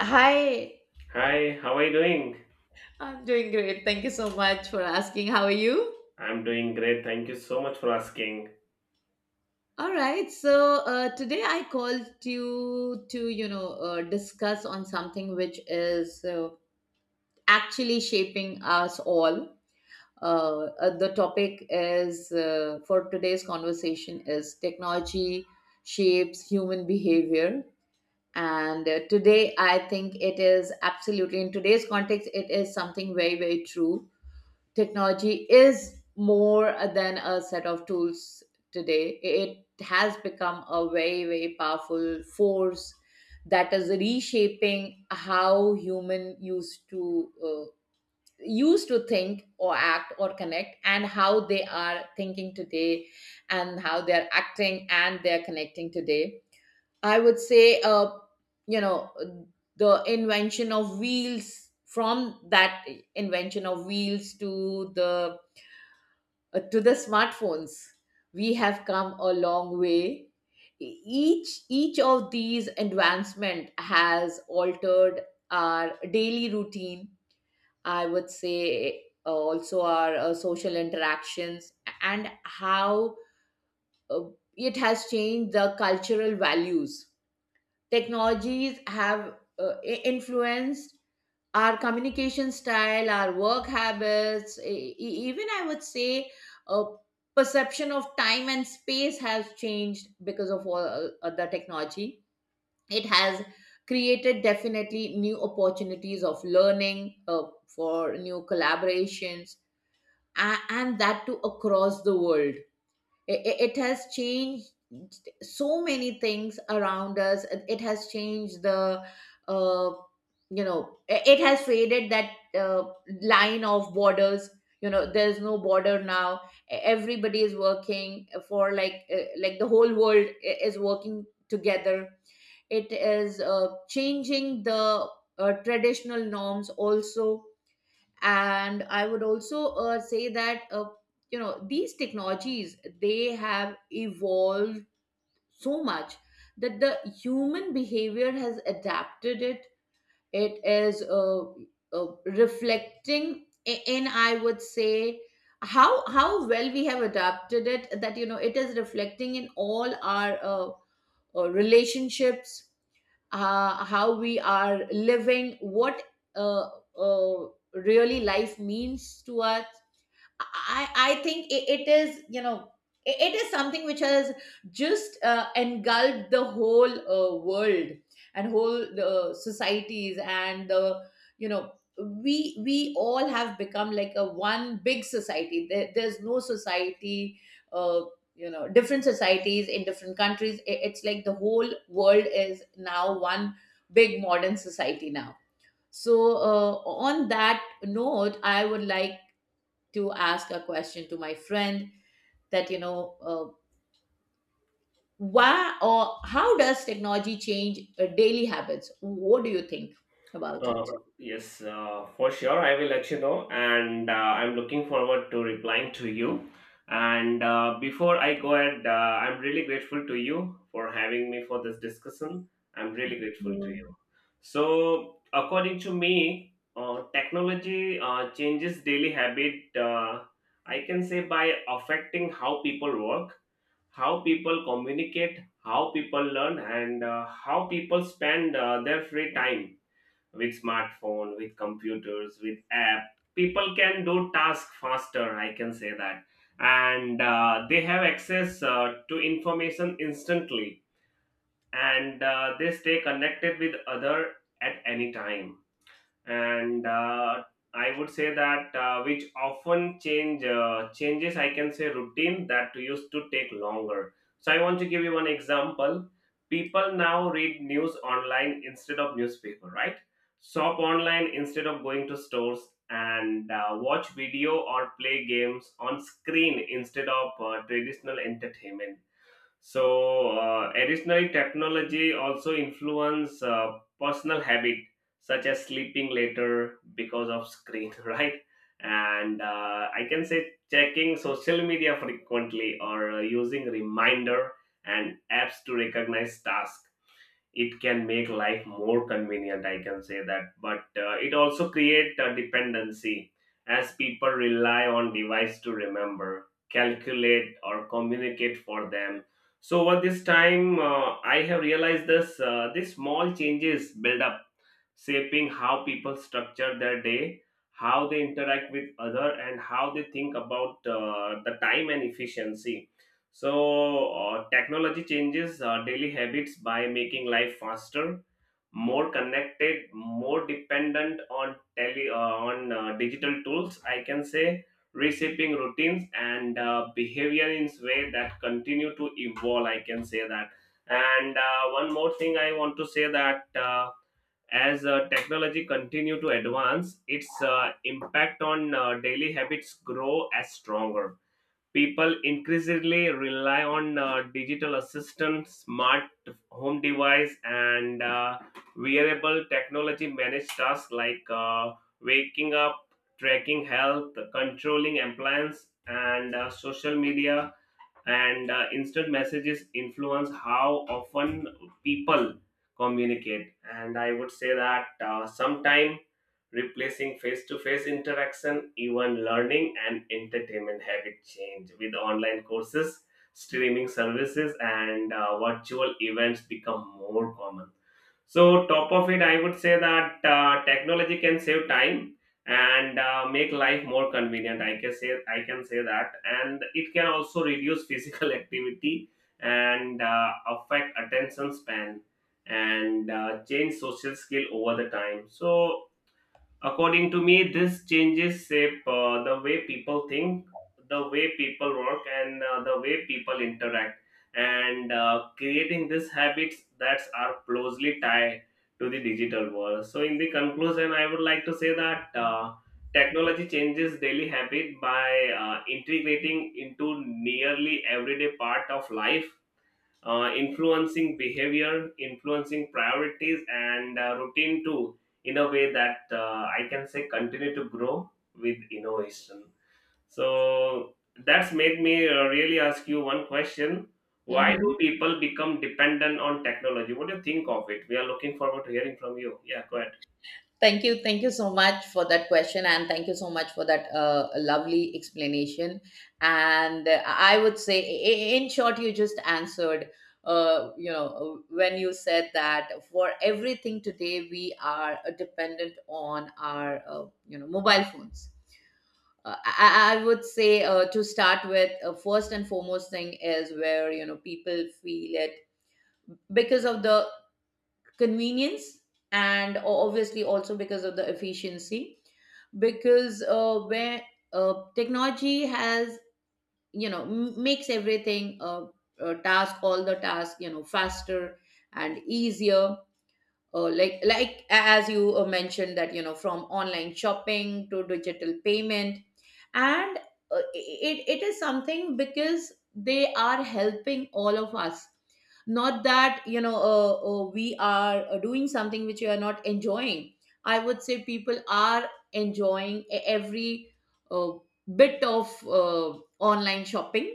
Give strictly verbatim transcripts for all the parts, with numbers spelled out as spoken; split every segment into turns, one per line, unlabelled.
Hi,
Hi, how are you doing?
I'm doing great. Thank you so much for asking. How are you?
I'm doing great. Thank you so much for asking.
All right. So uh, today I called you to, you know, uh, discuss on something which is uh, actually shaping us all. Uh, uh, the topic is uh, for today's conversation is technology shapes human behavior. And uh, today I think it is absolutely in today's context, it is something very, very true. Technology is more than a set of tools today. It has become a very, very powerful force that is reshaping how human used to uh, used to think or act or connect, and how they are thinking today and how they are acting and they are connecting today. I would say, uh, you know the invention of wheels from that invention of wheels to the uh, to the smartphones, we have come a long way. E- each each of these advancement has altered our daily routine. I would say, uh, also our uh, social interactions, and how uh, it has changed the cultural values. Technologies have uh, i- influenced our communication style, our work habits, e- e- even I would say, uh, perception of time and space has changed because of all uh, the technology. It has created definitely new opportunities of learning, uh, for new collaborations, a- and that too across the world. It, it it has changed so many things around us. It it has changed the, uh, you know it it has faded that, uh, line of borders. You know, there's no border now. E- everybody is working for, like uh, like the whole world i- is working together. It is uh, changing the uh, traditional norms also. And I would also uh, say that, uh, you know these technologies, they have evolved so much that the human behavior has adapted it. It is uh, uh, reflecting I- in I would say, how how well we have adapted it, that you know it is reflecting in all our uh, uh, relationships. Uh, how we are living, what uh, uh, really life means to us. I, I think it, it is, you know, it, it is something which has just uh, engulfed the whole uh, world, and whole uh, societies and the, you know, we we all have become like a one big society. There, there's no society, uh, you know, different societies in different countries. It- it's like the whole world is now one big modern society now. So, uh, on that note, I would like to ask a question to my friend that, you know uh, why or how does technology change uh, daily habits? What do you think about it?
Uh, yes, uh, for sure, I will let you know, and uh, I'm looking forward to replying to you. And uh, Before I go ahead, uh, I'm really grateful to you for having me for this discussion. I'm really grateful to
Mm.
you. So, according to me, uh, technology uh, changes daily habit. Uh, I can say by affecting how people work, how people communicate, how people learn, and uh, how people spend uh, their free time with smartphone, with computers, with app, people can do task faster, I can say that. And uh, they have access uh, to information instantly, and uh, they stay connected with other at any time. And uh, I would say that uh, which often change uh, changes, I can say, routine that used to take longer. So I want to give you one example. People now read news online instead of newspaper, right? Shop online instead of going to stores, and uh, watch video or play games on screen instead of uh, traditional entertainment. So, uh, additionally, technology also influence uh, personal habit such as sleeping later because of screen, right? And uh, I can say checking social media frequently or uh, using reminder and apps to recognize tasks. It can make life more convenient, I can say that, but uh, it also create a dependency as people rely on device to remember, calculate, or communicate for them. So over this time, uh, I have realized this uh, these small changes build up, shaping how people structure their day, how they interact with other, and how they think about uh, the time and efficiency. So, uh, technology changes uh, daily habits by making life faster, more connected, more dependent on tele, uh, on uh, digital tools, I can say, reshaping routines and uh, behavior in way that continue to evolve. I can say that. And uh, one more thing I want to say that uh, as uh, technology continue to advance, its uh, impact on uh, daily habits grow as stronger. People increasingly rely on uh, digital assistants, smart home device, and uh, wearable technology manage tasks like uh, waking up, tracking health, controlling appliance, and uh, social media and uh, instant messages influence how often people communicate, and I would say that uh, sometime replacing face-to-face interaction. Even learning and entertainment habit change with online courses, streaming services, and uh, virtual events become more common. So top of it, I would say that uh, technology can save time and uh, make life more convenient, i can say i can say that, and it can also reduce physical activity and uh, affect attention span and uh, change social skill over the time. So according to me, this changes shape uh, the way people think, the way people work, and uh, the way people interact. And uh, creating these habits that are closely tied to the digital world. So, in the conclusion, I would like to say that uh, technology changes daily habit by uh, integrating into nearly everyday part of life, uh, influencing behavior, influencing priorities, and uh, routine too, in a way that uh, I can say continue to grow with innovation. So that's made me uh, really ask you one question. Why
Mhm.
do people become dependent on technology? What do you think of it? We are looking forward to hearing from you. Yeah, go ahead.
Thank you. Thank you so much for that question. And thank you so much for that uh, lovely explanation. And uh, I would say, i- i- in short, you just answered, uh, you know, when you said that for everything today, we are uh, dependent on our, uh, you know, mobile phones. Uh, I, I I would say, uh, to start with, uh, first and foremost thing is where, you know, people feel it because of the convenience, and o- obviously also because of the efficiency. Because uh, where uh, technology has, you know m- makes everything, uh, uh, task, all the task, you know, faster and easier. Uh, like like as you uh, mentioned, that you know, from online shopping to digital payment. And uh, it, it is something because they are helping all of us, not that, you know uh, uh, we are uh, doing something which we are not enjoying. I would say people are enjoying e- every uh, bit of uh, online shopping.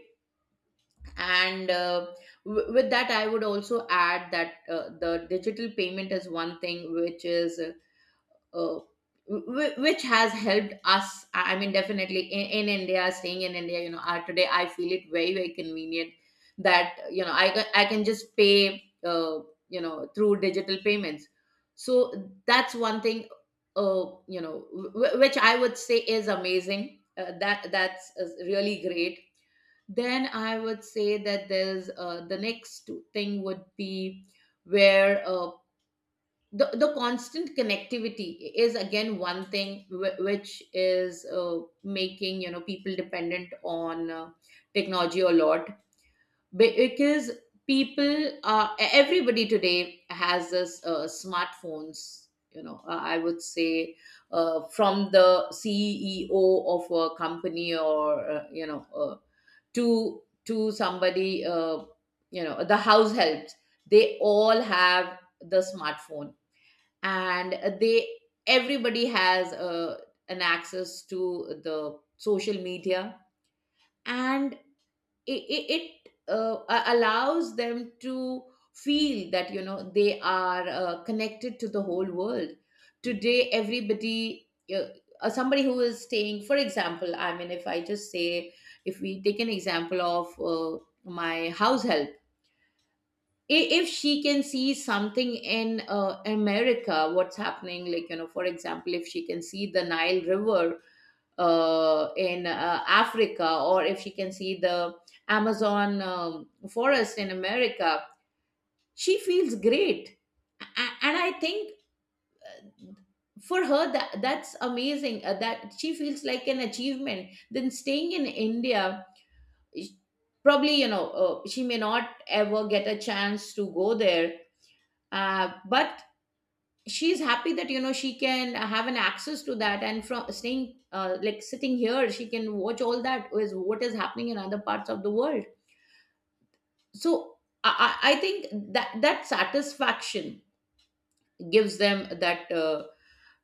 And uh, w- with that, I would also add that uh, the digital payment is one thing which is, uh, uh, wh- which has helped us. I I mean, definitely in, in India, staying in India, you know, uh, today I feel it very, very convenient, that you know, i, ca- I can just pay, uh, you know through digital payments. So that's one thing, uh, you know w- which I would say is amazing, uh, that that's uh, really great. Then I would say that there's, uh, the next thing would be where, uh, the, the constant connectivity is again one thing, whi- which is uh, making, you know, people dependent on uh, technology a lot. Because people uh, e- everybody today has this, uh, smartphones, you know uh, I would say, uh, from the C E O of a company, or, uh, you know uh, to to somebody, uh, you know the house helps, they all have the smartphone. And they, everybody has, uh, an access to the social media, and it, it, it uh, a- allows them to feel that, you know, they are uh, connected to the whole world. Today, everybody, uh, uh, somebody who is staying, for example, I mean, if I just say, if we take an example of, uh, my house help, i- if she can see something in, uh, America, what's happening, like, you know, for example, if she can see the Nile River, uh, in, uh, Africa, or if she can see the Amazon um, forest in America, she feels great. A- and I think, for her, that that's amazing, uh, that she feels like an achievement, then staying in India. sh- Probably, you know, uh, she may not ever get a chance to go there, uh, but she's happy that, you know, she can have an access to that, and from staying, uh, like sitting here, she can watch all that is what is happening in other parts of the world. So i, I I think that, that satisfaction gives them that, uh,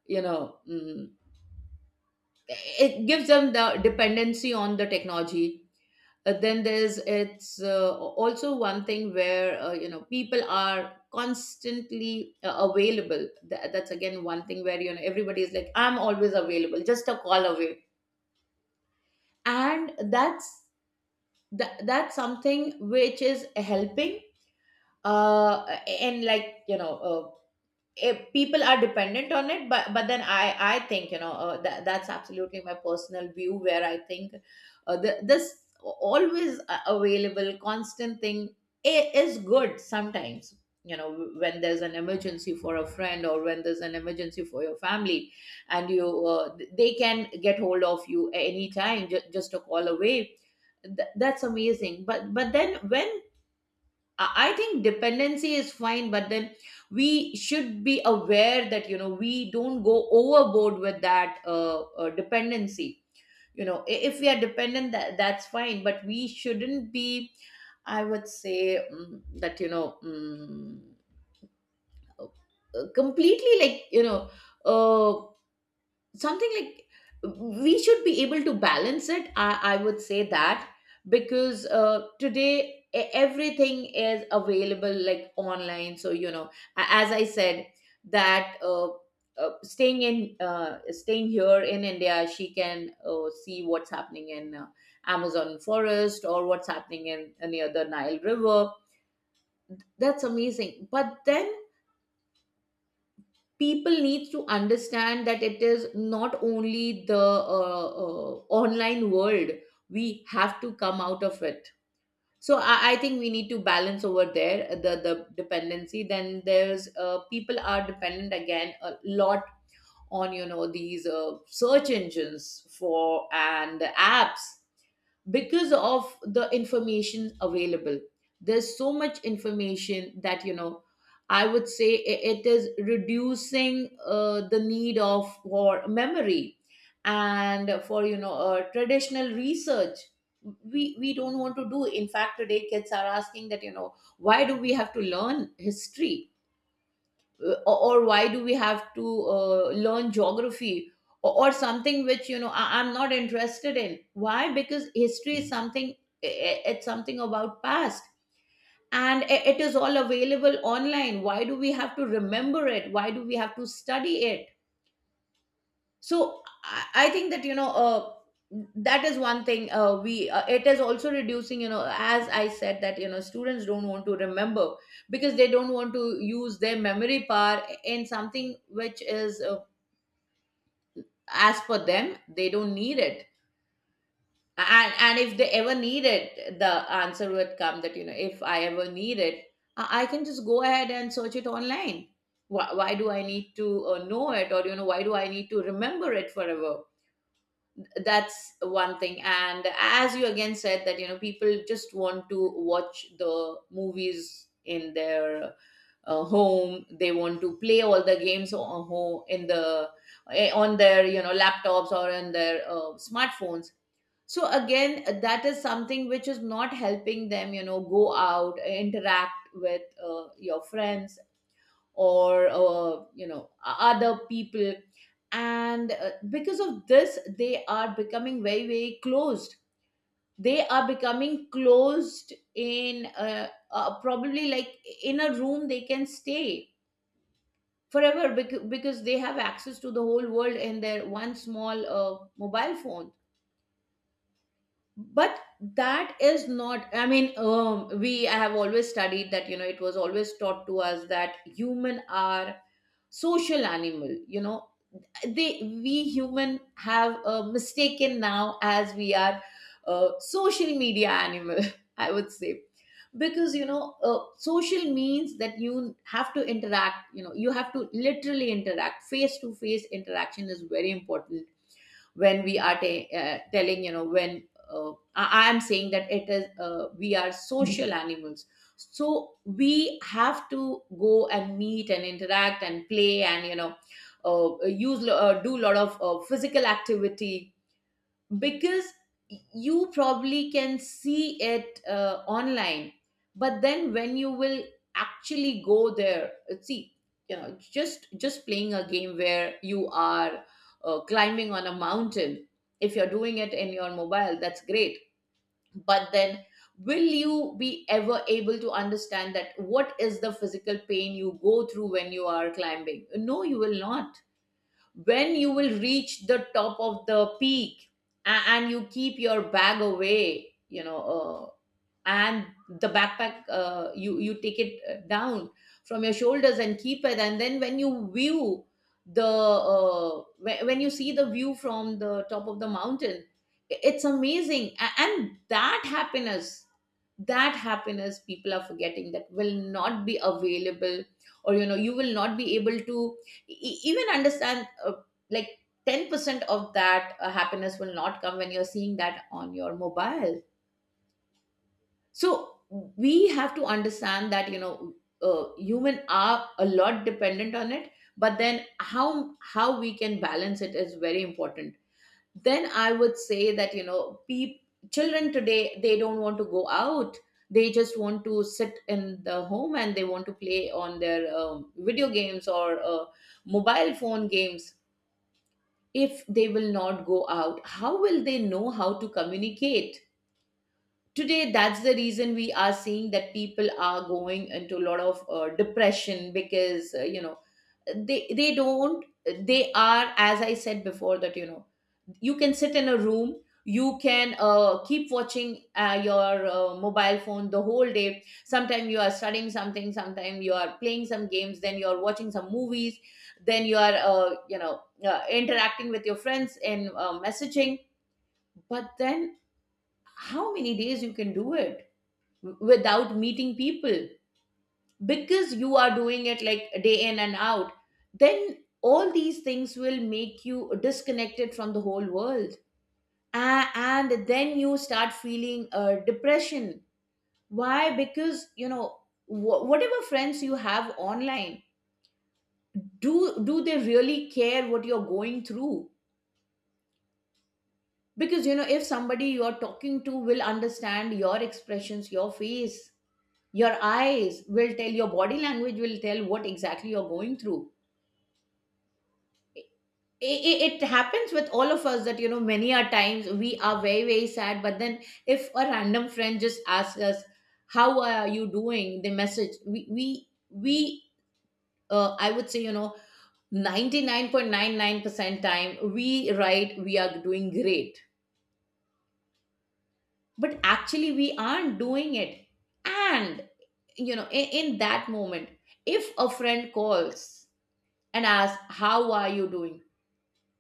you know mm, it gives them the dependency on the technology. Uh, then there's it's, uh, also one thing where, uh, you know people are constantly uh, available. Tha- that's again one thing where, you know, everybody is like, I'm always available, just a call away. And that's that, that's something which is helping, uh and, like you know uh, if people are dependent on it. But but then i i think, you know uh, that that's absolutely my personal view, where I think, uh, the, this always a- available constant thing i- is good sometimes. You know, when there's an emergency for a friend, or when there's an emergency for your family, and you uh, they can get hold of you anytime, ju- just a call away. Th- that's amazing. But but then, when I I think dependency is fine, but then we should be aware that, you know, we don't go overboard with that, uh, uh, dependency. You know, i- if we are dependent, that that's fine, but we shouldn't be. I would say, mm, that, you know mm, uh, completely, like, you know, Uh, something like, we should be able to balance it. I, I would say that, because uh, today, e- everything is available like online. So, you know, a- as I said, that uh, uh, staying in uh, staying here in India, she can uh, see what's happening in, uh, Amazon forest, or what's happening in near the Nile River. That's amazing, but then people need to understand that it is not only the uh, uh, online world. We have to come out of it. So I, I think we need to balance over there, uh, the the dependency. Then there's, uh, people are dependent again a lot on, you know, these uh, search engines for and apps, because of the information available. There's so much information, that, you know, I would say, i- it is reducing, uh, the need of for memory, and for, you know uh, traditional research. We we don't want to do. In fact, today kids are asking that, you know, why do we have to learn history, uh, or, or why do we have to uh, learn geography, or, or something which, you know, I, i'm not interested in why, because history is something, i- i- it's something about past, and i- it is all available online. Why do we have to remember it? Why do we have to study it? So i, I think that, you know uh, that is one thing. Uh, we uh, It is also reducing, you know, as I said, that, you know, students don't want to remember, because they don't want to use their memory power in something which is, uh, as per them, they don't need it. And and if they ever need it, the answer would come that, you know, if I ever need it, i I can just go ahead and search it online. Why, why do I need to uh, know it? Or, you know, why do I need to remember it forever? That's one thing. And as you again said that, you know, people just want to watch the movies in their, uh, home. They want to play all the games on home in the, eh, on their You know, laptops or in their uh, smartphones. So again, that is something which is not helping them, you know, go out, interact with uh, your friends or uh, you know other people. And uh, because of this they are becoming very very closed. They are becoming closed in uh, uh, probably like in a room they can stay forever bec- because they have access to the whole world in their one small uh, mobile phone. But that is not, I mean um, we I have always studied that, you know, it was always taught to us that human are social animal, you know. They we human have uh, mistaken now, as we are uh, social media animal, I would say. Because, you know, uh, social means that you have to interact, you know, you have to literally interact. Face to face interaction is very important. When we are ta- uh, telling, you know, when uh, I I am saying that it is, uh, we are social animals. So we have to go and meet and interact and play and, you know, uh, use uh, do a lot of uh, physical activity. Because you probably can see it uh, online, but then when you will actually go there, uh, see, you know, just just playing a game where you are uh, climbing on a mountain. If you're doing it in your mobile, that's great. But then, will you be ever able to understand that what is the physical pain you go through when you are climbing? No, you will not. When you will reach the top of the peak and, and you keep your bag away, you know, uh, and the backpack, uh, you you take it uh, down from your shoulders and keep it, and then when you view the uh, whe- when you see the view from the top of the mountain, i- it's amazing. A- and that happiness, that happiness, people are forgetting that will not be available. Or, you know, you will not be able to e- even understand uh, like ten percent of that uh, happiness will not come when you're seeing that on your mobile. So we have to understand that, you know, uh, human are a lot dependent on it. But then, how how we can balance it is very important. Then I would say that, you know, pe- children today, they don't want to go out. They just want to sit in the home and they want to play on their um, video games or uh, mobile phone games. If they will not go out, how will they know how to communicate? Today, that's the reason we are seeing that people are going into a lot of uh, depression. Because uh, you know, they they don't, they are, as I said before, that you know, you can sit in a room, you can uh, keep watching uh, your uh, mobile phone the whole day. Sometimes you are studying something, sometimes you are playing some games, then you are watching some movies, then you are uh, you know uh, interacting with your friends in uh, messaging. But then, how many days you can do it without meeting people? Because you are doing it like day in and out. Then all these things will make you disconnected from the whole world. A- and then you start feeling uh, depression. Why? Because, you know, wh- whatever friends you have online, do do they really care what you're going through? Because you know, if somebody you're talking to will understand your expressions, your face, your eyes will tell, your body language will tell what exactly you're going through. It, it, happens with all of us that, you know, many a times we are very very sad, but then if a random friend just asks us how are you doing, the message, we we we uh, I would say, you know, ninety-nine point nine nine percent time we write we are doing great, but actually we aren't doing it. And you know, in, in that moment, if a friend calls and ask how are you doing,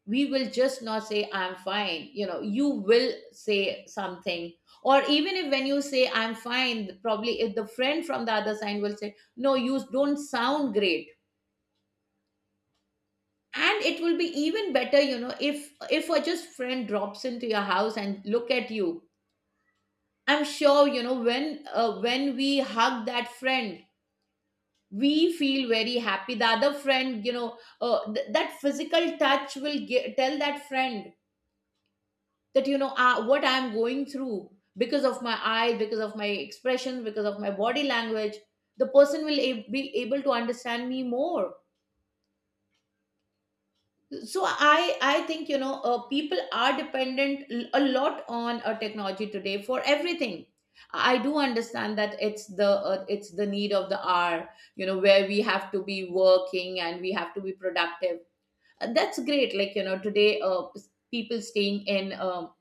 we will just not say I'm fine, you know, you will say something. Or even if when you say I'm fine, probably if the friend from the other side will say no, you don't sound great. And it will be even better, you know, if if a just friend drops into your house and look at you. I'm sure, you know, when uh, when we hug that friend, we feel very happy. The other friend, you know, uh, th- that physical touch will ge- tell that friend that, you know, uh, what I'm going through. Because of my eye, because of my expression, because of my body language, the person will a- be able to understand me more. So i i think, you know, uh, people are dependent, l- a lot, on uh, technology today for everything. I do understand that it's the uh, it's the need of the hour, you know, where we have to be working and we have to be productive. Uh, that's great. Like, you know, today uh, s- people staying in um,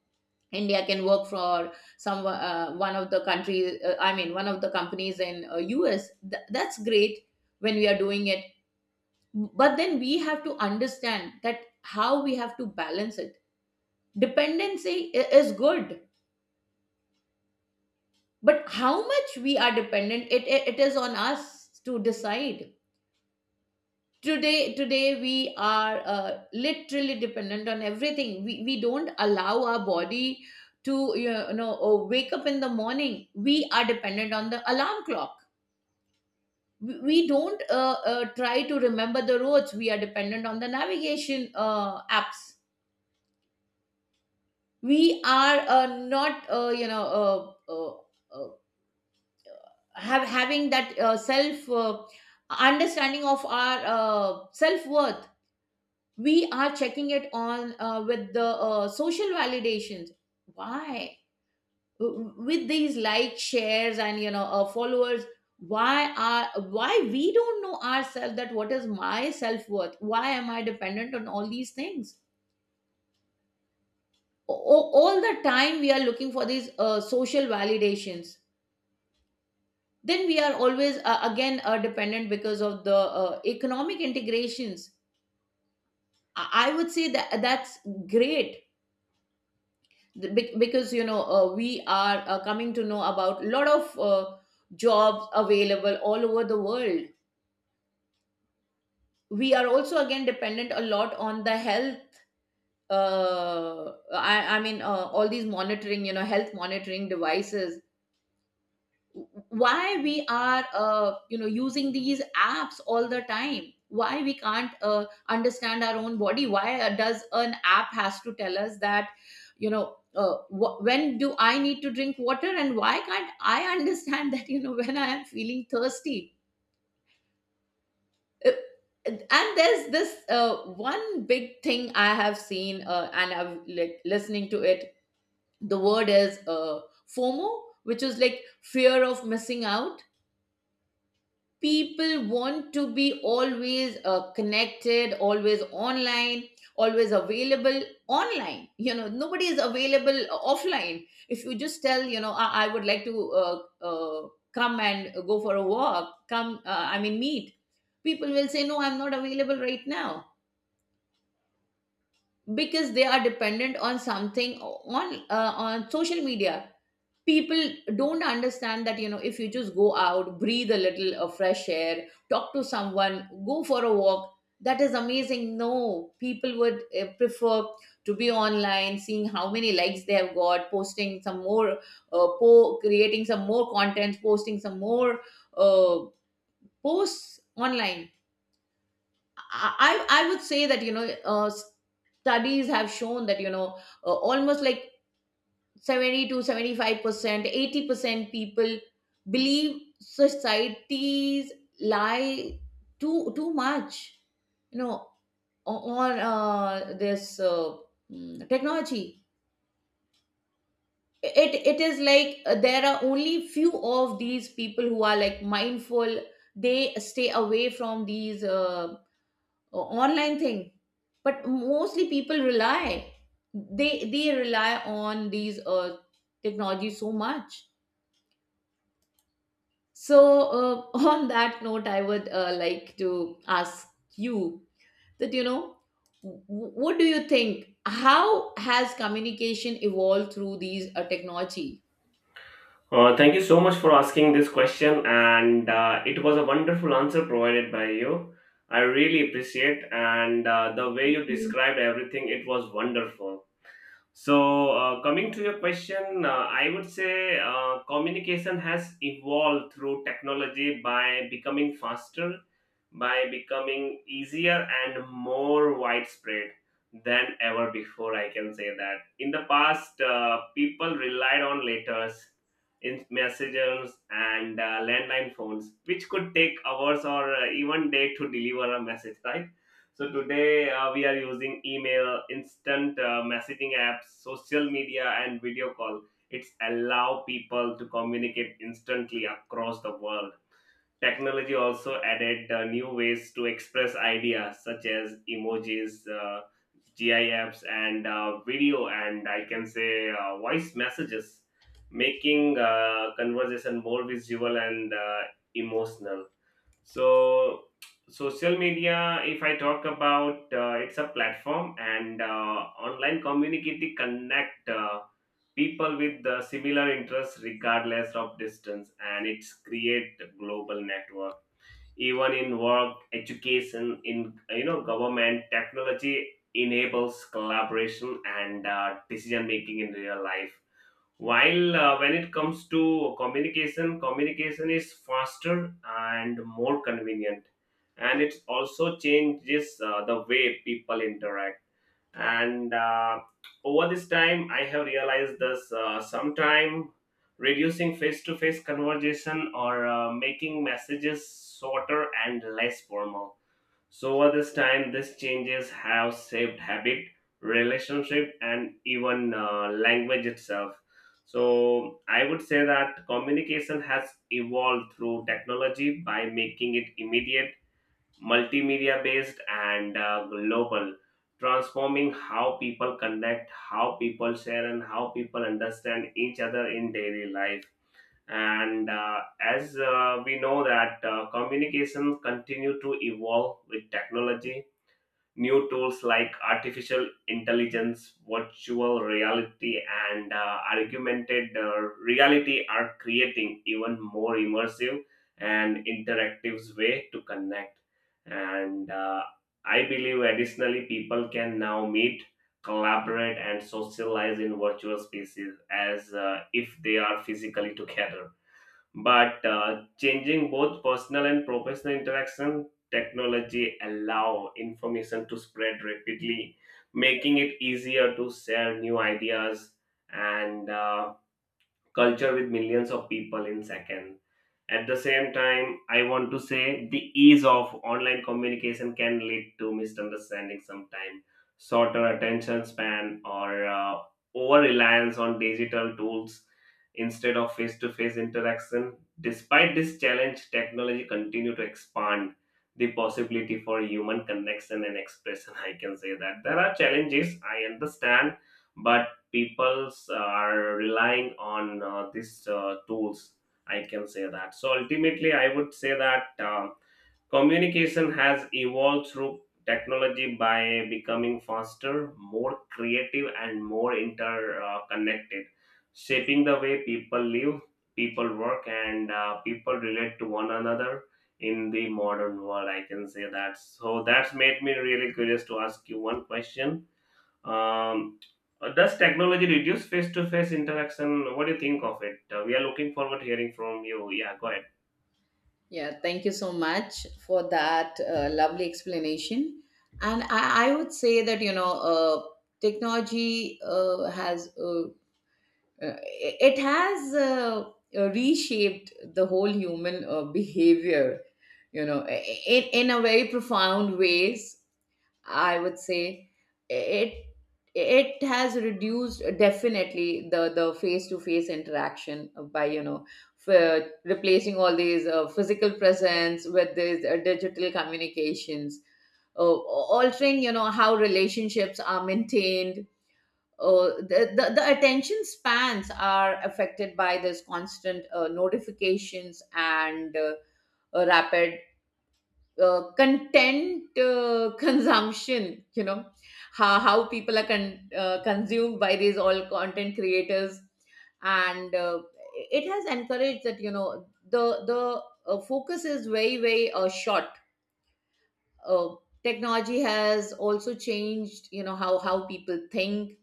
India can work for some uh, one of the countries. Uh, I mean, one of the companies in uh, U S. Th- that's great when we are doing it. But then we have to understand that how we have to balance it. Dependency i- is good, but how much we are dependent, it, it it is on us to decide. today today we are uh, literally dependent on everything. We, we don't allow our body to, you know, uh, wake up in the morning. We are dependent on the alarm clock. We, we don't uh, uh, try to remember the roads. We are dependent on the navigation uh, apps. We are uh, not uh, you know uh, uh, uh, have having that uh, self uh, understanding of our uh, self worth. We are checking it on uh, with the uh, social validations. Why? W- with these likes, shares, and, you know, uh, followers. Why are why we don't know ourselves that what is my self-worth? Why am I dependent on all these things? O- o- all the time we are looking for these uh, social validations. Then we are always uh, again uh, dependent because of the uh, economic integrations. I-, I would say that that's great. The- bec- because, you know, uh, we are uh, coming to know about a lot of uh, jobs available all over the world. We are also again dependent a lot on the health. Uh, I, I mean, uh, all these monitoring, you know, health monitoring devices. Why we are, uh, you know, using these apps all the time? Why we can't uh, understand our own body? Why uh, does an app has to tell us that, you know, uh, wh- when do I need to drink water? And why can't I understand that, you know, when I am feeling thirsty? Uh, and there's this uh, one big thing I have seen, uh, and I'm like listening to it. The word is uh, FOMO, which is like fear of missing out. People want to be always uh, connected, always online, always available online. You know, nobody is available uh, offline. If you just tell, you know, i, I would like to uh, uh, come and go for a walk, come, uh, i mean meet, people will say no, I'm not available right now. Because they are dependent on something, on uh, on social media. People don't understand that, you know, if you just go out, breathe a little of fresh air, talk to someone, go for a walk, that is amazing. No, people would uh, prefer to be online, seeing how many likes they have got, posting some more, uh, po- creating some more contents, posting some more uh, posts online. I, I i would say that, you know, uh, studies have shown that, you know, uh, almost like seventy to seventy-five percent, eighty percent people believe societies lie too too much, you know, o- on uh, this uh, mm, technology. It it is like, uh, there are only few of these people who are like mindful. They stay away from these uh, online thing, but mostly people rely. They they rely on these uh, technology so much. So, uh, on that note, I would uh, like to ask you that, you know, w- what do you think? How has communication evolved through these uh, technology?
Uh, thank you so much for asking this question, and uh, it was a wonderful answer provided by you. I really appreciate, and uh, the way you described everything, it was wonderful. So, uh, coming to your question, uh, I would say uh, communication has evolved through technology by becoming faster, by becoming easier, and more widespread than ever before. I can say that. In the past, uh, people relied on letters, in messages, and uh, landline phones, which could take hours or uh, even day to deliver a message, right? So today uh, we are using email, instant uh, messaging apps, social media, and video call. It's allow people to communicate instantly across the world. Technology also added uh, new ways to express ideas such as emojis, uh, GIFs, and uh, video, and I can say uh, voice messages, making uh, conversation more visual and uh, emotional. So, social media, if I talk about, uh, it's a platform, and uh, online community connect uh, people with uh, similar interests regardless of distance, and it's create global network even in work, education, in, you know, government. Technology enables collaboration and uh, decision making in real life, while uh, when it comes to communication communication is faster and more convenient, and it also changes uh, the way people interact. And uh, over this time, I have realized this uh, sometime reducing face-to-face conversation or uh, making messages shorter and less formal. So over this time, these changes have shaped habit, relationship, and even uh, language itself. So I would say that communication has evolved through technology by making it immediate, multimedia-based, and uh, global, transforming how people connect, how people share, and how people understand each other in daily life. And uh, as uh, we know that uh, communication continue to evolve with technology, new tools like artificial intelligence, virtual reality, and uh, augmented uh, reality are creating even more immersive and interactive way to connect. And uh, I believe additionally people can now meet, collaborate, and socialize in virtual spaces as uh, if they are physically together, but uh, changing both personal and professional interaction. Technology allow information to spread rapidly, making it easier to share new ideas and uh, culture with millions of people in seconds. At the same time, I want to say the ease of online communication can lead to misunderstanding sometimes, shorter attention span, or uh, over reliance on digital tools instead of face to face interaction. Despite this challenge, technology continue to expand the possibility for human connection and expression. I can say that there are challenges, I understand, but people are relying on uh, these uh, tools, I can say that. So ultimately, I would say that um, communication has evolved through technology by becoming faster, more creative, and more interconnected, shaping the way people live, people work, and uh, people relate to one another in the modern world. I can say that. So that's made me really curious to ask you one question. um, uh, does technology reduce face-to-face interaction? What do you think of it? Uh, we are looking forward to hearing from you. Yeah, go ahead.
Yeah, thank you so much for that uh, lovely explanation. And I, I would say that, you know, uh, technology uh, has uh, uh, it has uh, uh, reshaped the whole human uh, behavior, you know, in, in a very profound ways, I would say. It it has reduced, definitely, the the face to face interaction, by, you know, f- replacing all these uh, physical presence with these uh, digital communications. uh, Altering, you know, how relationships are maintained. Uh, the, the, the attention spans are affected by this constant uh, notifications and uh, uh, rapid uh, content uh, consumption, you know, how, how people are con- uh, consumed by these all content creators. And uh, it has encouraged that, you know, the the uh, focus is very very uh, short. uh, Technology has also changed, you know, how how people think.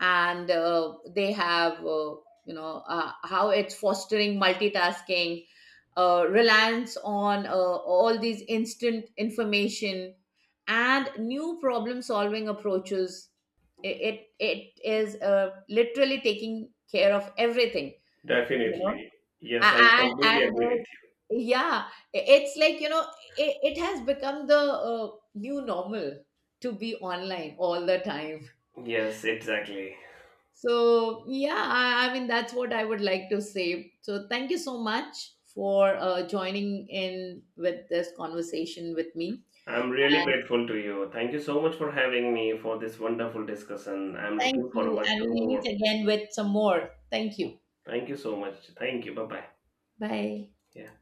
And uh, they have uh, you know uh, how it's fostering multitasking, uh, reliance on uh, all these instant information, and new problem solving approaches. It it, it is uh, literally taking care of everything, you know.
Definitely. Yes,
A-
I
and
completely
and
agree
there's, yeah, it's like, you know, it, it has become the uh, new normal to be online all the time.
with you. Yes, exactly.
So, yeah, I, I mean, that's what I would like to say. So, thank you so much for uh, joining in with this conversation with me.
I'm really
And
grateful to you. Thank you so much for having me for this wonderful discussion. I'm
thank
looking
you.
forward
And
to
we'll meet
more.
again with some more. Thank you.
Thank you so much. Thank you. Bye bye.
Bye.
Yeah.